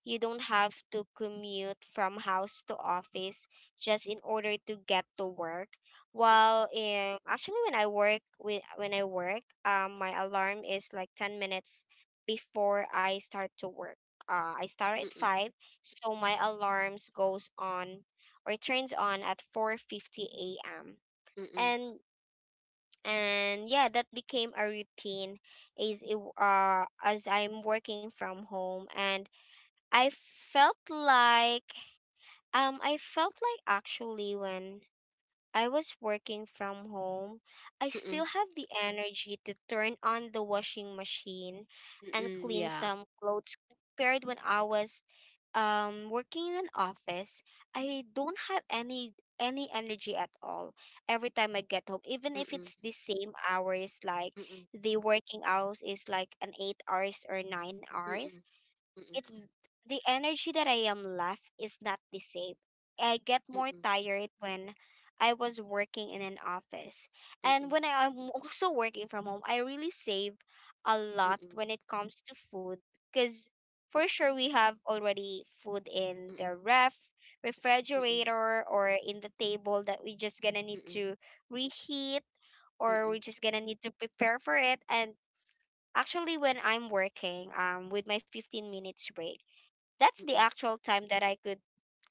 S1: You don't have to commute from house to office just in order to get to work. While actually when I work, my alarm is like 10 minutes before I start to work. I start at
S2: Mm-mm.
S1: 5, so my alarms goes on or turns on at 4:50 a.m.
S2: Mm-mm.
S1: And and yeah that became a routine as it, as I'm working from home and i felt like I felt like actually when I was working from home I still
S2: Mm-mm.
S1: have the energy to turn on the washing machine and
S2: Mm-mm.
S1: clean
S2: Yeah.
S1: some clothes compared when I was working in an office. I don't have any energy at all every time I get home, even if
S2: Mm-mm.
S1: it's the same hours. Like
S2: Mm-mm.
S1: the working hours is like an 8 hours or 9
S2: Mm-mm.
S1: hours,
S2: Mm-mm.
S1: it— the energy that I am left is not the same. I get more
S2: Mm-mm.
S1: tired when I was working in an office.
S2: Mm-mm. Mm-mm.
S1: And when I am also working from home, I really save a lot
S2: Mm-mm.
S1: when it comes to food, because for sure we have already food in
S2: Mm-mm.
S1: the
S2: Mm-mm.
S1: refrigerator or in the table that we just gonna need
S2: Mm-mm.
S1: to reheat, or we're just gonna need to prepare for it. And actually when I'm working, with my 15 minutes break, that's the
S2: Mm-mm.
S1: actual time that I could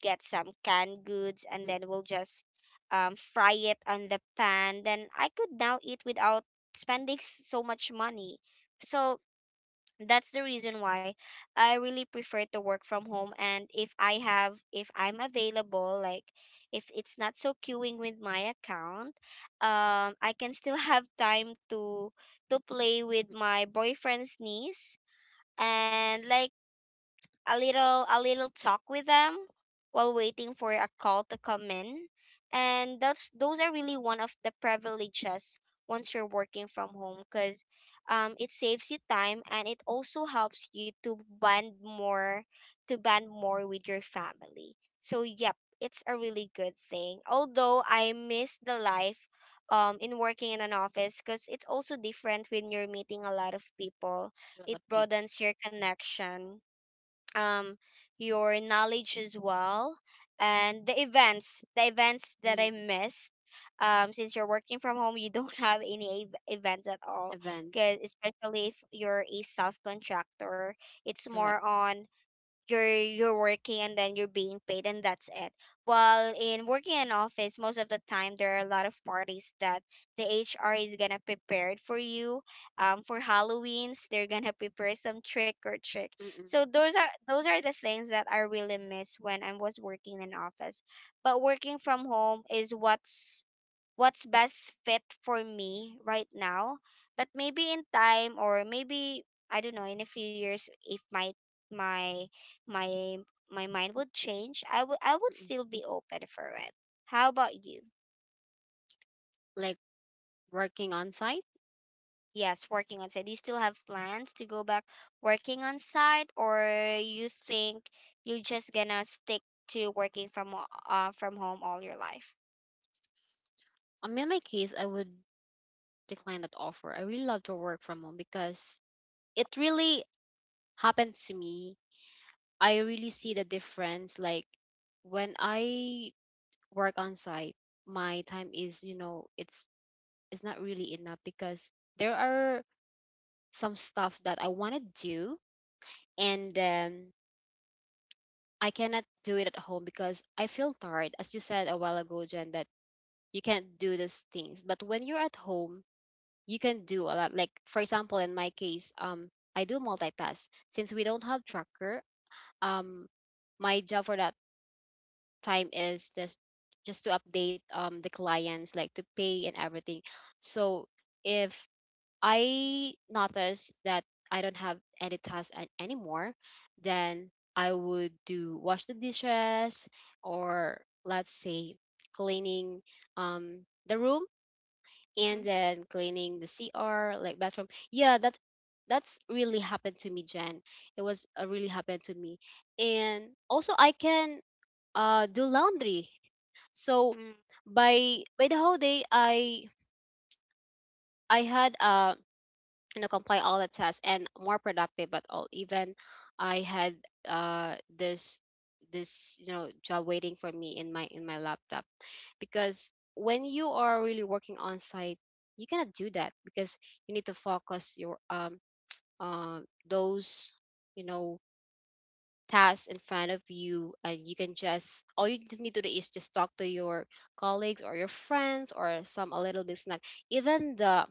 S1: get some canned goods and
S2: Mm-mm.
S1: then we'll just fry it on the pan. Then I could now eat without spending so much money. So that's the reason why I really prefer to work from home. And if I have, if I'm available, like if it's not so queuing with my account, I can still have time to play with my boyfriend's niece and like a little talk with them while waiting for a call to come in. And that's— those are really one of the privileges once you're working from home because, it saves you time and it also helps you to bond more with your family. So yep, it's a really good thing, although I miss the life, in working in an office, because it's also different when you're meeting a lot of people.
S2: A
S1: It
S2: people.
S1: broadens your connection, um your knowledge as well, and the events, that
S2: Mm.
S1: I missed. Since you're working from home, you don't have any events at all,
S2: Events.
S1: because especially if you're a self contractor, it's more
S2: Correct.
S1: on you're— you're working and then you're being paid and that's it. While in working in office, most of the time there are a lot of parties that the HR is gonna prepare for you. For halloweens they're gonna prepare some trick or trick. So
S2: Mm-mm.
S1: those are the things that I really miss when I was working in office. But working from home is what's best fit for me right now. But maybe in time, or maybe I don't know, in a few years, if my my my mind would change, I would
S2: Mm-mm.
S1: still be open for it. How about you?
S2: Like working on site.
S1: Yes, working on site. Do you still have plans to go back working on site, or you think you're just gonna stick to working from from home all your life?
S2: I mean, in my case, I would decline that offer. I really love to work from home, because it really happened to me, I really see the difference. Like when I work on site, my time is, you know, it's not really enough, because there are some stuff that I want to do, and I cannot do it at home because I feel tired. As you said a while ago, Jen, that you can't do those things. But when you're at home, you can do a lot. Like for example, in my case, I do multitask. Since we don't have tracker, um, my job for that time is just to update the clients, like to pay and everything. So if I notice that I don't have any tasks an- anymore, then I would do wash the dishes, or let's say, cleaning um the room, and then cleaning the cr, like bathroom. Yeah, that's really happened to me, Jen. It was really happened to me. And also I can do laundry. So
S1: Mm-hmm.
S2: by the whole day, I had you know, comply all the tests and more productive at all. Even I had this this you know job waiting for me in my laptop, because when you are really working on site, you cannot do that, because you need to focus your uh, those you know tasks in front of you, and you can just, all you need to do is just talk to your colleagues or your friends, or some a little bit snack. Even the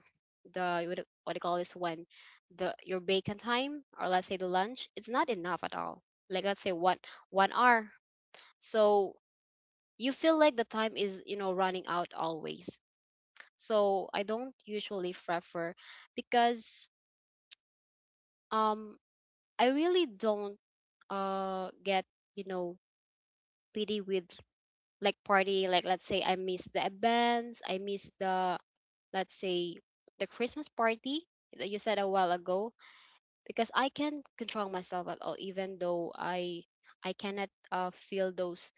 S2: the what do you call this, when the your bacon time, or let's say the lunch, it's not enough at all. Like, let's say, one hour. So you feel like the time is, running out always. So I don't usually prefer, because um I really don't, get, you know pity with, like, party. Like, let's say I miss the events, I miss the, let's say, the Christmas party that you said a while ago, because I can't control myself at all, even though I cannot, feel those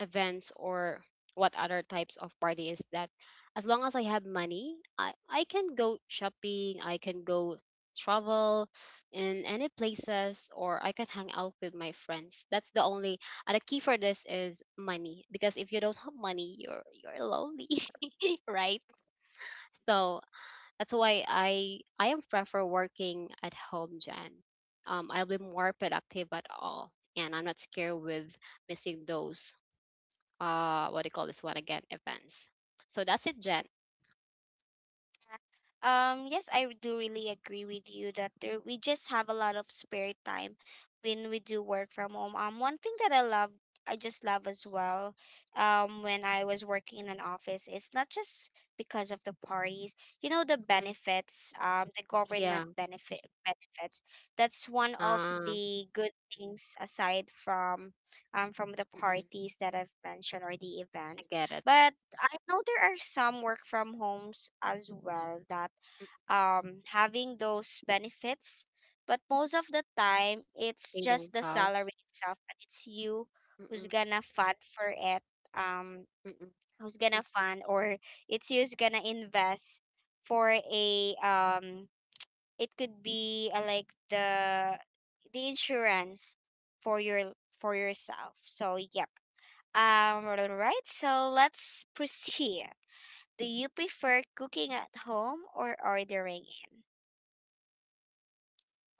S2: events, or what other types of party is that. As long as I have money, I can go shopping, I can go travel in any places, or I can hang out with my friends. That's the only, and the key for this is money, because if you don't have money, you're lonely, right? So that's why I am prefer working at home, Jen. I'll be more productive at all, and I'm not scared with missing those, what do you call this one again, events. So that's it, Jen.
S1: Yes, I do really agree with you that there, we just have a lot of spare time when we do work from home. One thing that I love, I just love as well, when I was working in an office, it's not just because of the parties, you know, the
S2: Mm-mm.
S1: benefits, the government
S2: Yeah.
S1: benefits. That's one of
S2: uh,
S1: the good things, aside from the
S2: mm-mm.
S1: parties that I've mentioned or the
S2: I
S1: events.
S2: get it.
S1: But I know there are some work from homes as well that
S2: Mm.
S1: having those benefits. But most of the time, it's
S2: They
S1: just
S2: don't
S1: the
S2: have.
S1: salary itself, and it's you who's
S2: Mm-mm.
S1: gonna fund for it. Um,
S2: Mm-mm.
S1: Who's gonna fund, or it's you who's gonna invest for a. It could be like the insurance for your for yourself. So yep. All right. So let's proceed. Do you prefer cooking at home or ordering in?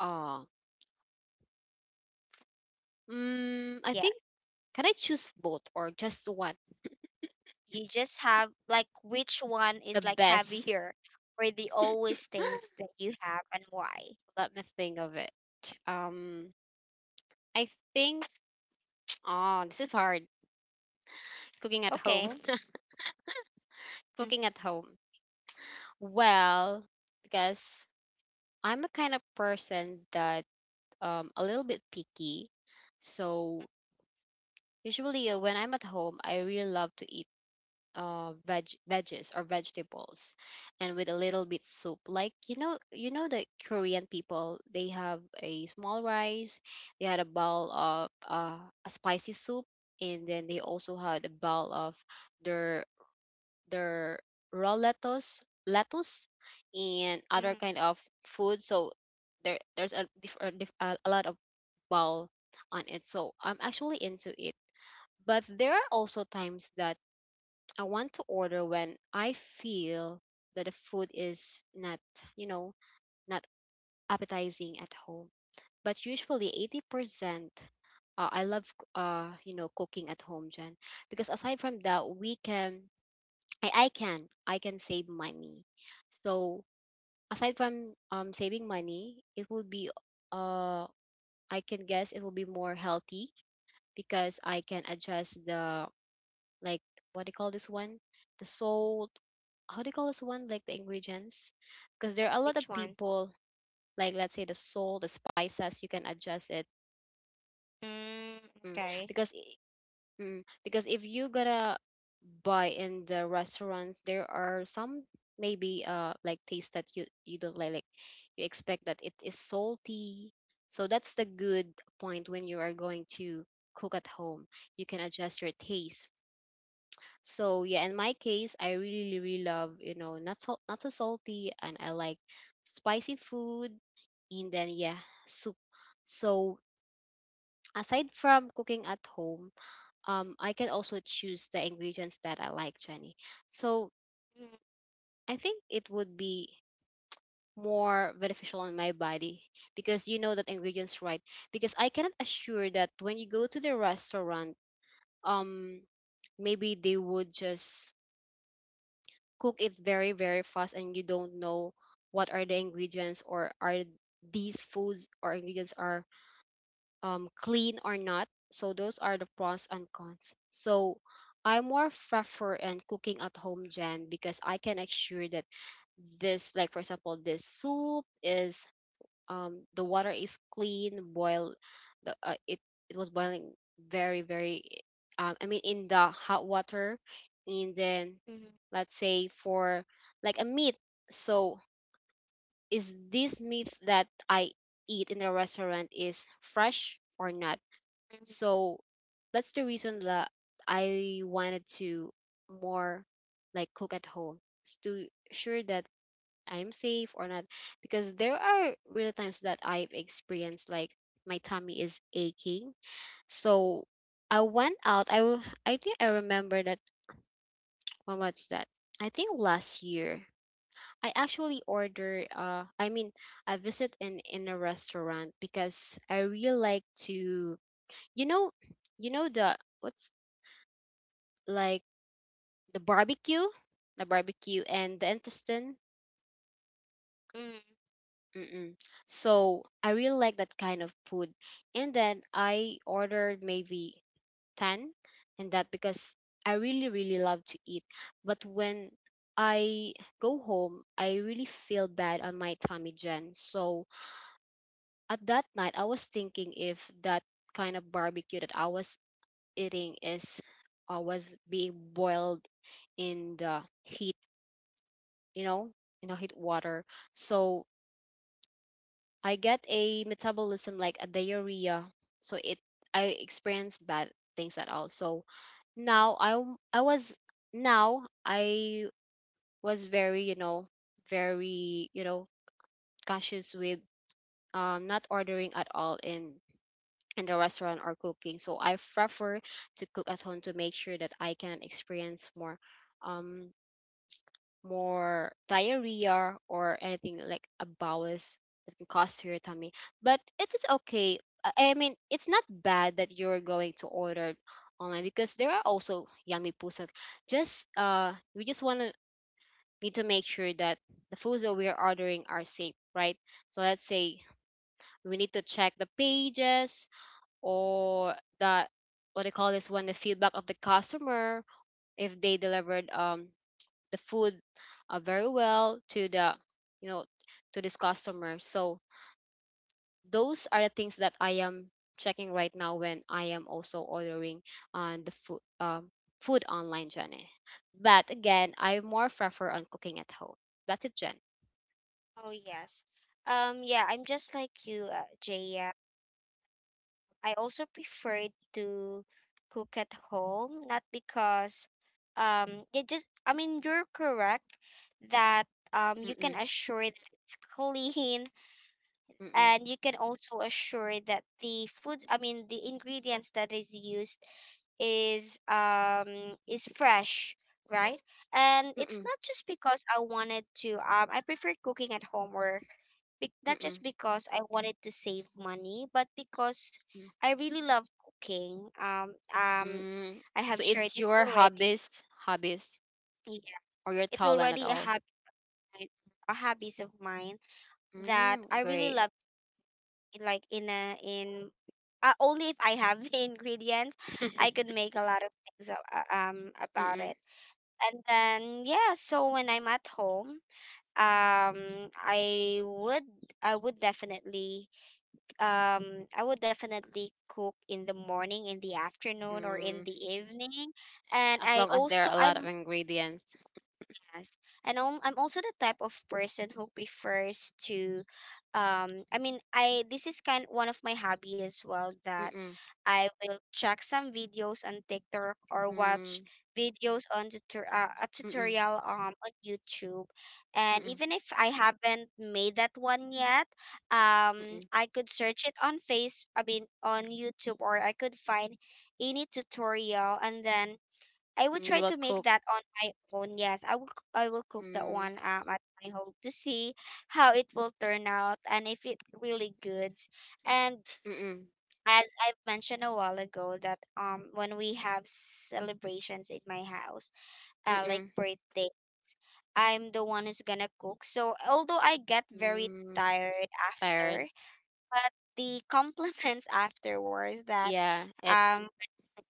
S2: Oh, I think, can I choose both or just one?
S1: You just have like which one
S2: The
S1: is like
S2: best.
S1: heavier or the always things that you have and why.
S2: Let me think of it. um I think. Oh, this is hard. Cooking at
S1: Okay.
S2: home.
S1: Hmm.
S2: Cooking at home. Well, because I'm a kind of person that, a little bit picky, so usually, when I'm at home, I really love to eat veggies or vegetables, and with a little bit soup. Like, you know, the Korean people, they have a small rice, they had a bowl of a spicy soup, and then they also had a bowl of their their raw lettuce, and other
S1: Hmm.
S2: kind of food. So there's a diff, a, diff, a lot of bowl on it. So I'm actually into it, but there are also times that I want to order when I feel that the food is not, you know, not appetizing at home. But usually 80% I love, cooking at home, Jen, because aside from that, we can I can save money. So aside from saving money, it will be, uh I can guess, it will be more healthy, because I can adjust the, like, what do you call this one? The salt. How do you call this one? Like the ingredients, because there are a lot of
S1: Which one?
S2: people. Like, let's say the salt, the spices, you can adjust it.
S1: Mm,
S2: Mm.
S1: okay.
S2: Because if you gotta buy in the restaurants, there are some, maybe, like, taste that you don't like. Like, you expect that it is salty. So that's the good point when you are going to cook at home. You can adjust your taste. So yeah, in my case, I really, really love, you know, not so salty, and I like spicy food, and then, yeah, soup. So aside from cooking at home, I can also choose the ingredients that I like, Jenny. So I think it would be more beneficial on my body, because you know that ingredients, right. Because I cannot assure that when you go to the restaurant, um maybe they would just cook it very, very fast, and you don't know what are the ingredients, or are these foods or ingredients are clean or not. So those are the pros and cons, so I more prefer and cooking at home, Jen, because I can assure that this, like for example, this soup is, the water is clean, boil, the it it was boiling very, very, I mean, in the hot water. And then
S1: Mm-hmm.
S2: let's say for, like, a meat, so is this meat that I eat in the restaurant is fresh or not. So that's the reason that I wanted to more, like, cook at home, to sure that I'm safe or not. Because there are real times that I've experienced like my tummy is aching. So I went out. I think I remember that. When was that? I think last year. I actually order, I mean, I visit in a restaurant, because I really like to, you know you know, the what's, like, the barbecue, the barbecue and the intestine.
S1: Hmm.
S2: Mm-mm. So I really like that kind of food. And then I ordered maybe 10, and that because I really, really love to eat. But when I go home, I really feel bad on my tummy, Jen. So at that night, I was thinking if that kind of barbecue that I was eating is, was being boiled in the heat, you know, in the heat water. So I get a metabolism like a diarrhea, so it I experienced bad things at all. So now I was very, very, cautious with, not ordering at all in the restaurant or cooking. So I prefer to cook at home to make sure that I can experience more, um diarrhea, or anything like a bowels that can cause to your tummy. But it is okay. I mean, it's not bad that you're going to order online, because there are also yummy pusat. Just, we just want to need to make sure that the foods that we are ordering are safe, right? So let's say, we need to check the pages, or the, what they call this one, the feedback of the customer, if they delivered, the food, very well to the, you know to this customer. So those are the things that I am checking right now when I am also ordering on the food online, Jenny. But again, I more prefer on cooking at home. That's it, Jen.
S1: Oh yes, yeah, I'm just like you, Jaya. I also prefer to cook at home, not because it just— I mean, you're correct that you can
S2: Mm-mm.
S1: assure that it's clean,
S2: Mm-mm.
S1: and you can also assure that the food, I mean the ingredients that is used, is um is fresh, right? And it's
S2: Mm-mm.
S1: not just because I wanted to I prefer cooking at home, or not
S2: Mm-mm.
S1: just because I wanted to save money, but because
S2: Mm.
S1: I really love cooking
S2: Mm.
S1: I have
S2: So
S1: shared
S2: it's
S1: this
S2: your
S1: already.
S2: hobbies
S1: Yeah,
S2: or your
S1: it's
S2: talent at
S1: already a
S2: all.
S1: habit, a hobbies of mine, that
S2: Mm,
S1: I really
S2: great.
S1: love. Like in a in only if I have the ingredients, I could make a lot of things about
S2: Mm-mm.
S1: it. And then yeah, so when I'm at home, um, I would definitely I would definitely cook in the morning, in the afternoon, or in
S2: Mm.
S1: the evening. And
S2: As
S1: I
S2: long as there
S1: also
S2: are a
S1: I
S2: lot of ingredients.
S1: podcast. And I'm also the type of person who prefers to, I mean, I this is kind one of my hobby as well,
S2: Mm,
S1: that
S2: mm,
S1: I will check some videos on TikTok or watch
S2: mm,
S1: videos on tutor, a
S2: mm,
S1: tutorial on YouTube. And
S2: mm,
S1: even if I haven't made that one yet,
S2: mm.
S1: I could search it on Face, I mean, on YouTube, or I could find any tutorial, and then I would try
S2: You will
S1: to make
S2: cook.
S1: that on my own. Yes, I will cook that
S2: Mm,
S1: one at my home to see how it will turn out and if it really good. And
S2: mm,
S1: as I've mentioned a while ago that when we have celebrations in my house, like
S2: mm,
S1: birthday, I'm the one who's gonna cook. So although I get very
S2: mm.
S1: tired
S2: Tired.
S1: after, but the compliments afterwards that
S2: Yeah, it's
S1: um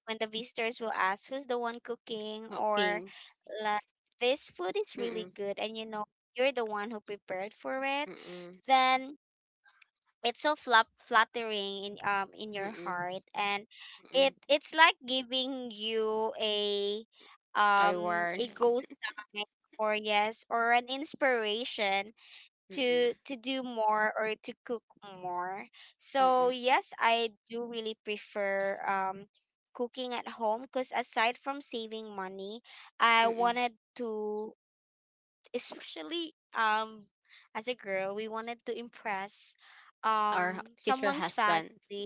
S1: when the visitors will ask who's the one cooking, or
S2: cooking.
S1: like, this food is really
S2: Mm,
S1: good, and you know you're the one who prepared for it,
S2: mm,
S1: then it's so flop flattering in your
S2: mm,
S1: heart, and
S2: mm.
S1: it it's like giving you
S2: A reward.
S1: a ghost sign, or yes, or an inspiration
S2: Mm,
S1: to do more or to cook more.
S2: mm,
S1: So
S2: mm.
S1: yes, I do really prefer cooking at home, because aside from saving money, I wanted to, especially as a girl, we wanted to impress
S2: Our
S1: um
S2: future
S1: someone's
S2: husband.
S1: family,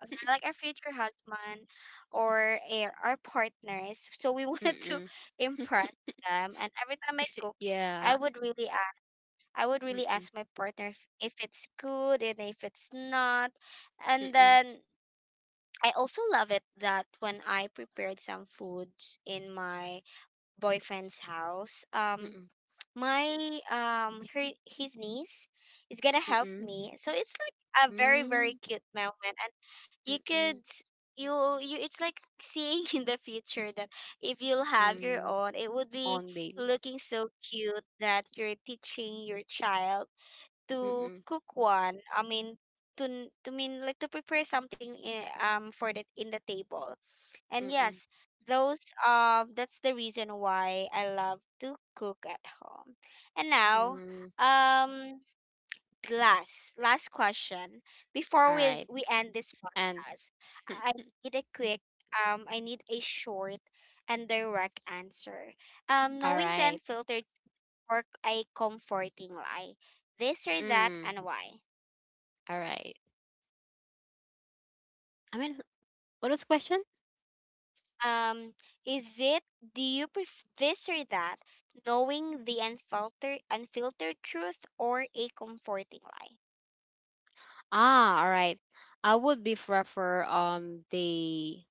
S1: like our future husband, or our partners, so we wanted to
S2: Mm.
S1: impress them. And every time I cook, i
S2: Yeah.
S1: would really ask I would
S2: Mm,
S1: really
S2: mm,
S1: ask my partner if it's good and if it's not. And
S2: mm,
S1: then I also love it that when I prepared some foods in my boyfriend's house,
S2: mm,
S1: my her his niece is gonna help
S2: mm,
S1: me, so it's like a very very cute moment. And you
S2: mm,
S1: you— you it's like seeing in the future that if you'll have your
S2: mm.
S1: own, it would be
S2: On babe.
S1: looking so cute that you're teaching your child to
S2: Mm,
S1: cook one, to to mean like to prepare something in, for that in the table. And
S2: mm, mm,
S1: yes, those that's the reason why I love to cook at home. And now,
S2: mm.
S1: um last last question before
S2: All right.
S1: we end this
S2: And
S1: podcast. I need a quick I need a short and direct answer.
S2: all
S1: Knowing the
S2: right.
S1: unfiltered or a comforting lie. This or that
S2: Mm.
S1: and why?
S2: All right. I mean, what was the question?
S1: Um, is it, do you prefer this or that? Knowing the unfiltered truth or a comforting lie?
S2: Ah, all right. I would be prefer the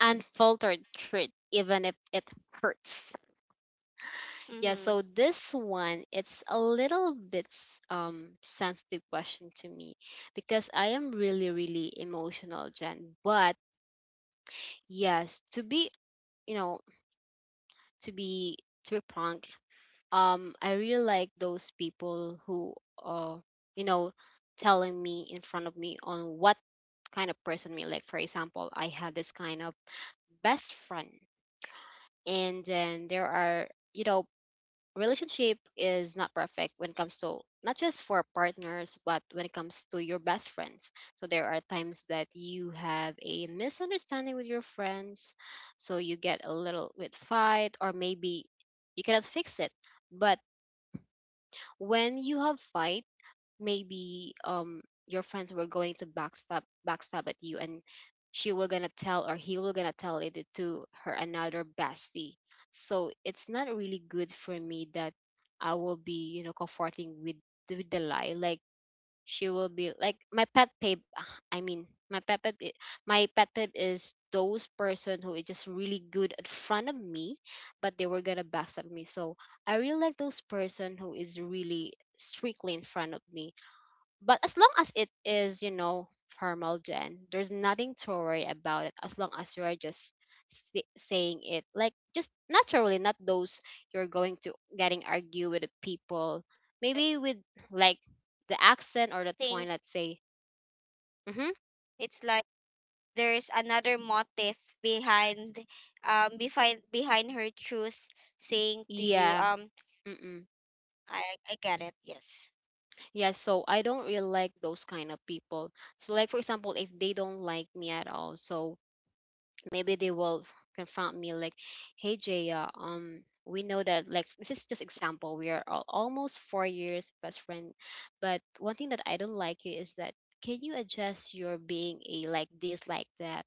S2: unfiltered truth, even if it hurts. Yeah.
S1: Mm-hmm.
S2: So this one, it's a little bit sensitive question to me, because I am really, really emotional, Jen. But yes, to be, you know, to be to be prank, I really like those people who, uh, you know, telling me in front of me on what kind of person me. Like, for example, I have this kind of best friend, and then there are, you know, relationship is not perfect when it comes to not just for partners, but when it comes to your best friends. So there are times that you have a misunderstanding with your friends, so you get a little bit fight, or maybe you cannot fix it. But when you have fight, maybe your friends were going to backstab at you, and she will gonna tell or he will gonna tell it to her another bestie. So it's not really good for me that I will be, you know, comforting with the lie. Like, she will be like my pet peeve. I mean, my pet peeve i- my pet peeve is those person who is just really good in front of me, but they were gonna backstab me. So I really like those person who is really strictly in front of me, but as long as it is, you know, formal, Jen, there's nothing to worry about it. As long as you're just saying it, like, just naturally, not those you're going to getting argue with the people.
S1: I
S2: Maybe with, like, the accent or the
S1: think
S2: tone. Let's say, mm-hmm,
S1: it's like there's another motive behind behind her truth saying to you.
S2: yeah. Mm-mm.
S1: I I get it. Yes.
S2: Yeah, so I don't really like those kind of people. So like, for example, if they don't like me at all, so maybe they will confront me like, hey Jaya, we know that, like, this is just example, we are all, almost 4 years best friend, but one thing that I don't like you is that, can you adjust your being a, like this, like that,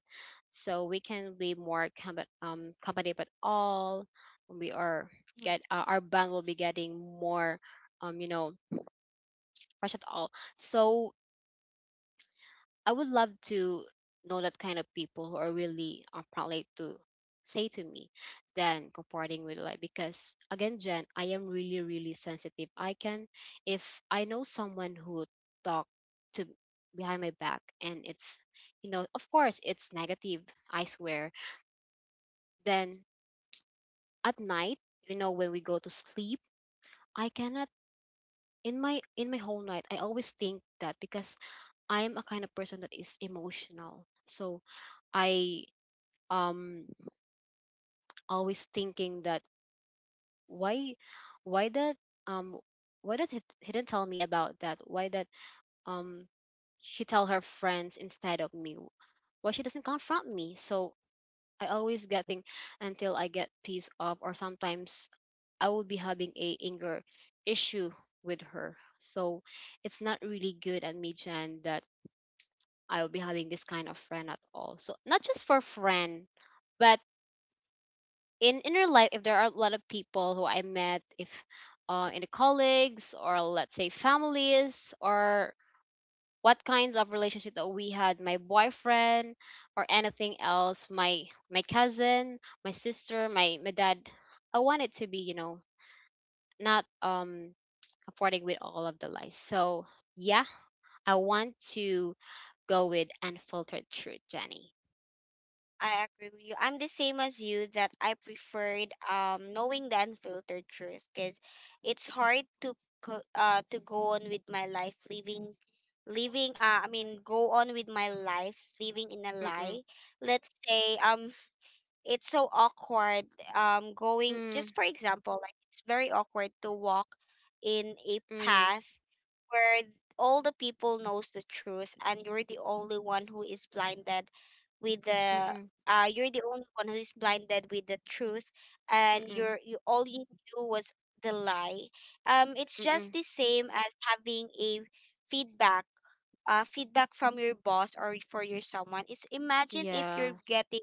S2: so we can be more competitive at all. We are
S1: Mm-hmm.
S2: get Our band will be getting more, you know, fresh at all. So I would love to know that kind of people who are really, probably to say to me, than comforting with, like, because again, Jen, I am really, really sensitive. I can, if I know someone who talk to behind my back, and it's, you know, of course it's negative, I swear. Then at night, you know, when we go to sleep, I cannot, in my whole night I always think that, because I'm a kind of person that is emotional, so I, um always thinking that, why why, that, um why does he didn't tell me about that, why that, um she tell her friends instead of me, why she doesn't confront me. So I always get thing, until I get pissed off, or sometimes I will be having a anger issue with her. So it's not really good at me, Jen, that I'll be having this kind of friend at all. So not just for friend, but in inner life, if there are a lot of people who I met, if, in the colleagues, or let's say families, or what kinds of relationship that we had, my boyfriend, or anything else, my cousin, my sister, my dad, I want it to be, you know, not, affording with all of the lies. So yeah, I want to go with unfiltered truth, Jenny.
S1: I agree with you. I'm the same as you that I preferred knowing the unfiltered truth, because it's hard to to go on with my life living I mean go on with my life living in a
S2: Mm,
S1: lie. Let's say it's so awkward going
S2: mm,
S1: just for example, like it's very awkward to walk in a
S2: mm,
S1: path where all the people knows the truth, and you're the only one who is blinded with
S2: mm,
S1: the
S2: mm,
S1: you're the only one who is blinded with the truth,
S2: mm,
S1: and
S2: mm,
S1: you're— you all you knew was the lie. It's just
S2: mm.
S1: the same as having a feedback, feedback from your boss or for your someone. Is imagine if
S2: Yeah.
S1: you're getting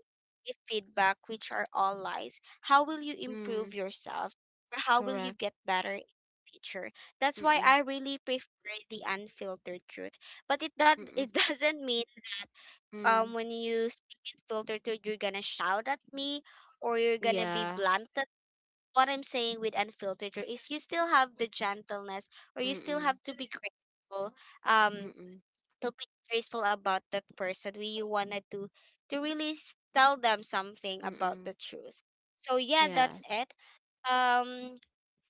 S1: a feedback which are all lies, how will you improve
S2: Mm,
S1: yourself or how will you
S2: correct.
S1: get better in the future? That's why
S2: Mm-mm,
S1: I really prefer the unfiltered truth. But it that
S2: mm-mm,
S1: it doesn't mean
S2: mm.
S1: when you speak in filtered truth you're gonna shout at me or you're gonna be
S2: Yeah.
S1: blunt at. What I'm saying with unfiltered truth is you still have the gentleness, or you still
S2: Mm-mm,
S1: have to be grateful, um
S2: mm-mm,
S1: to be graceful about that person we wanted to really tell them something about the
S2: mm-mm.
S1: truth. So yeah, that's
S2: Yes.
S1: it. um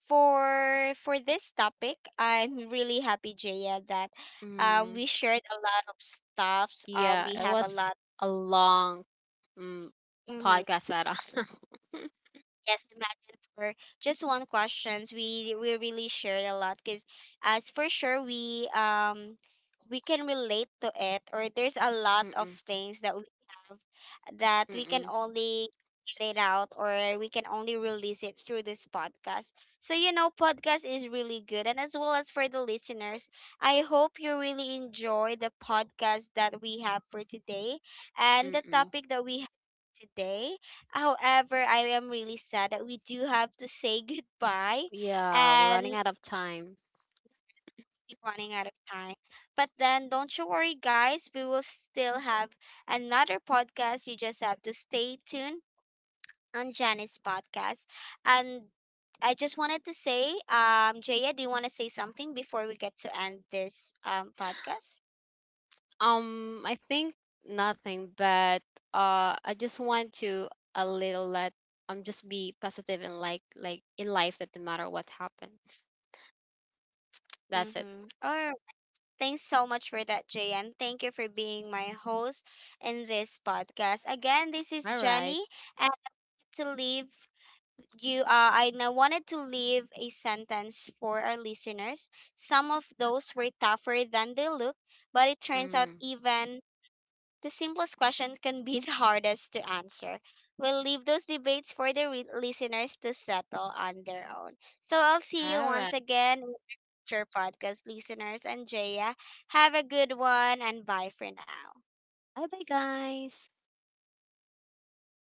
S1: for this topic, I'm really happy, Jaya, that
S2: Mm.
S1: we shared a lot of stuffs,
S2: Yeah,
S1: we
S2: it
S1: have a
S2: was
S1: lot.
S2: a long, mm,
S1: Mhm.
S2: podcast setup.
S1: Yes, imagine for just one questions. We really shared a lot because as for sure we can relate to it, or there's a lot of
S2: Mm-mm,
S1: things that we have that we can
S2: mm-mm,
S1: only get it out, or we can only release it through this podcast. So you know, podcast is really good, and as well as for the listeners, I hope you really enjoy the podcast that we have for today and the
S2: mm-mm.
S1: topic that we have today. However, I am really sad that we do have to say goodbye
S2: Yeah, we're running
S1: and
S2: out of time.
S1: we're running out of time. But then don't you worry, guys, we will still have another podcast. You just have to stay tuned on Janice podcast. And I just wanted to say, Jaya, do you want to say something before we get to end this podcast?
S2: I think nothing, but, I just want to, a little let, just be positive in, like, in life, that no matter what happens, that's it.
S1: Mm-hmm. Or thanks so much for that, Jaya, and thank you for being my host in this podcast. Again, this is
S2: All right.
S1: Jenny to leave you, I now wanted to leave a sentence for our listeners. Some of those were tougher than they look, but it turns out
S2: Mm.
S1: even the simplest question can be the hardest to answer. We'll leave those debates for the listeners to settle on their own. So I'll see you
S2: All right.
S1: once again, with your podcast listeners and Jaya. Have a good one and bye for now.
S2: Bye bye, guys.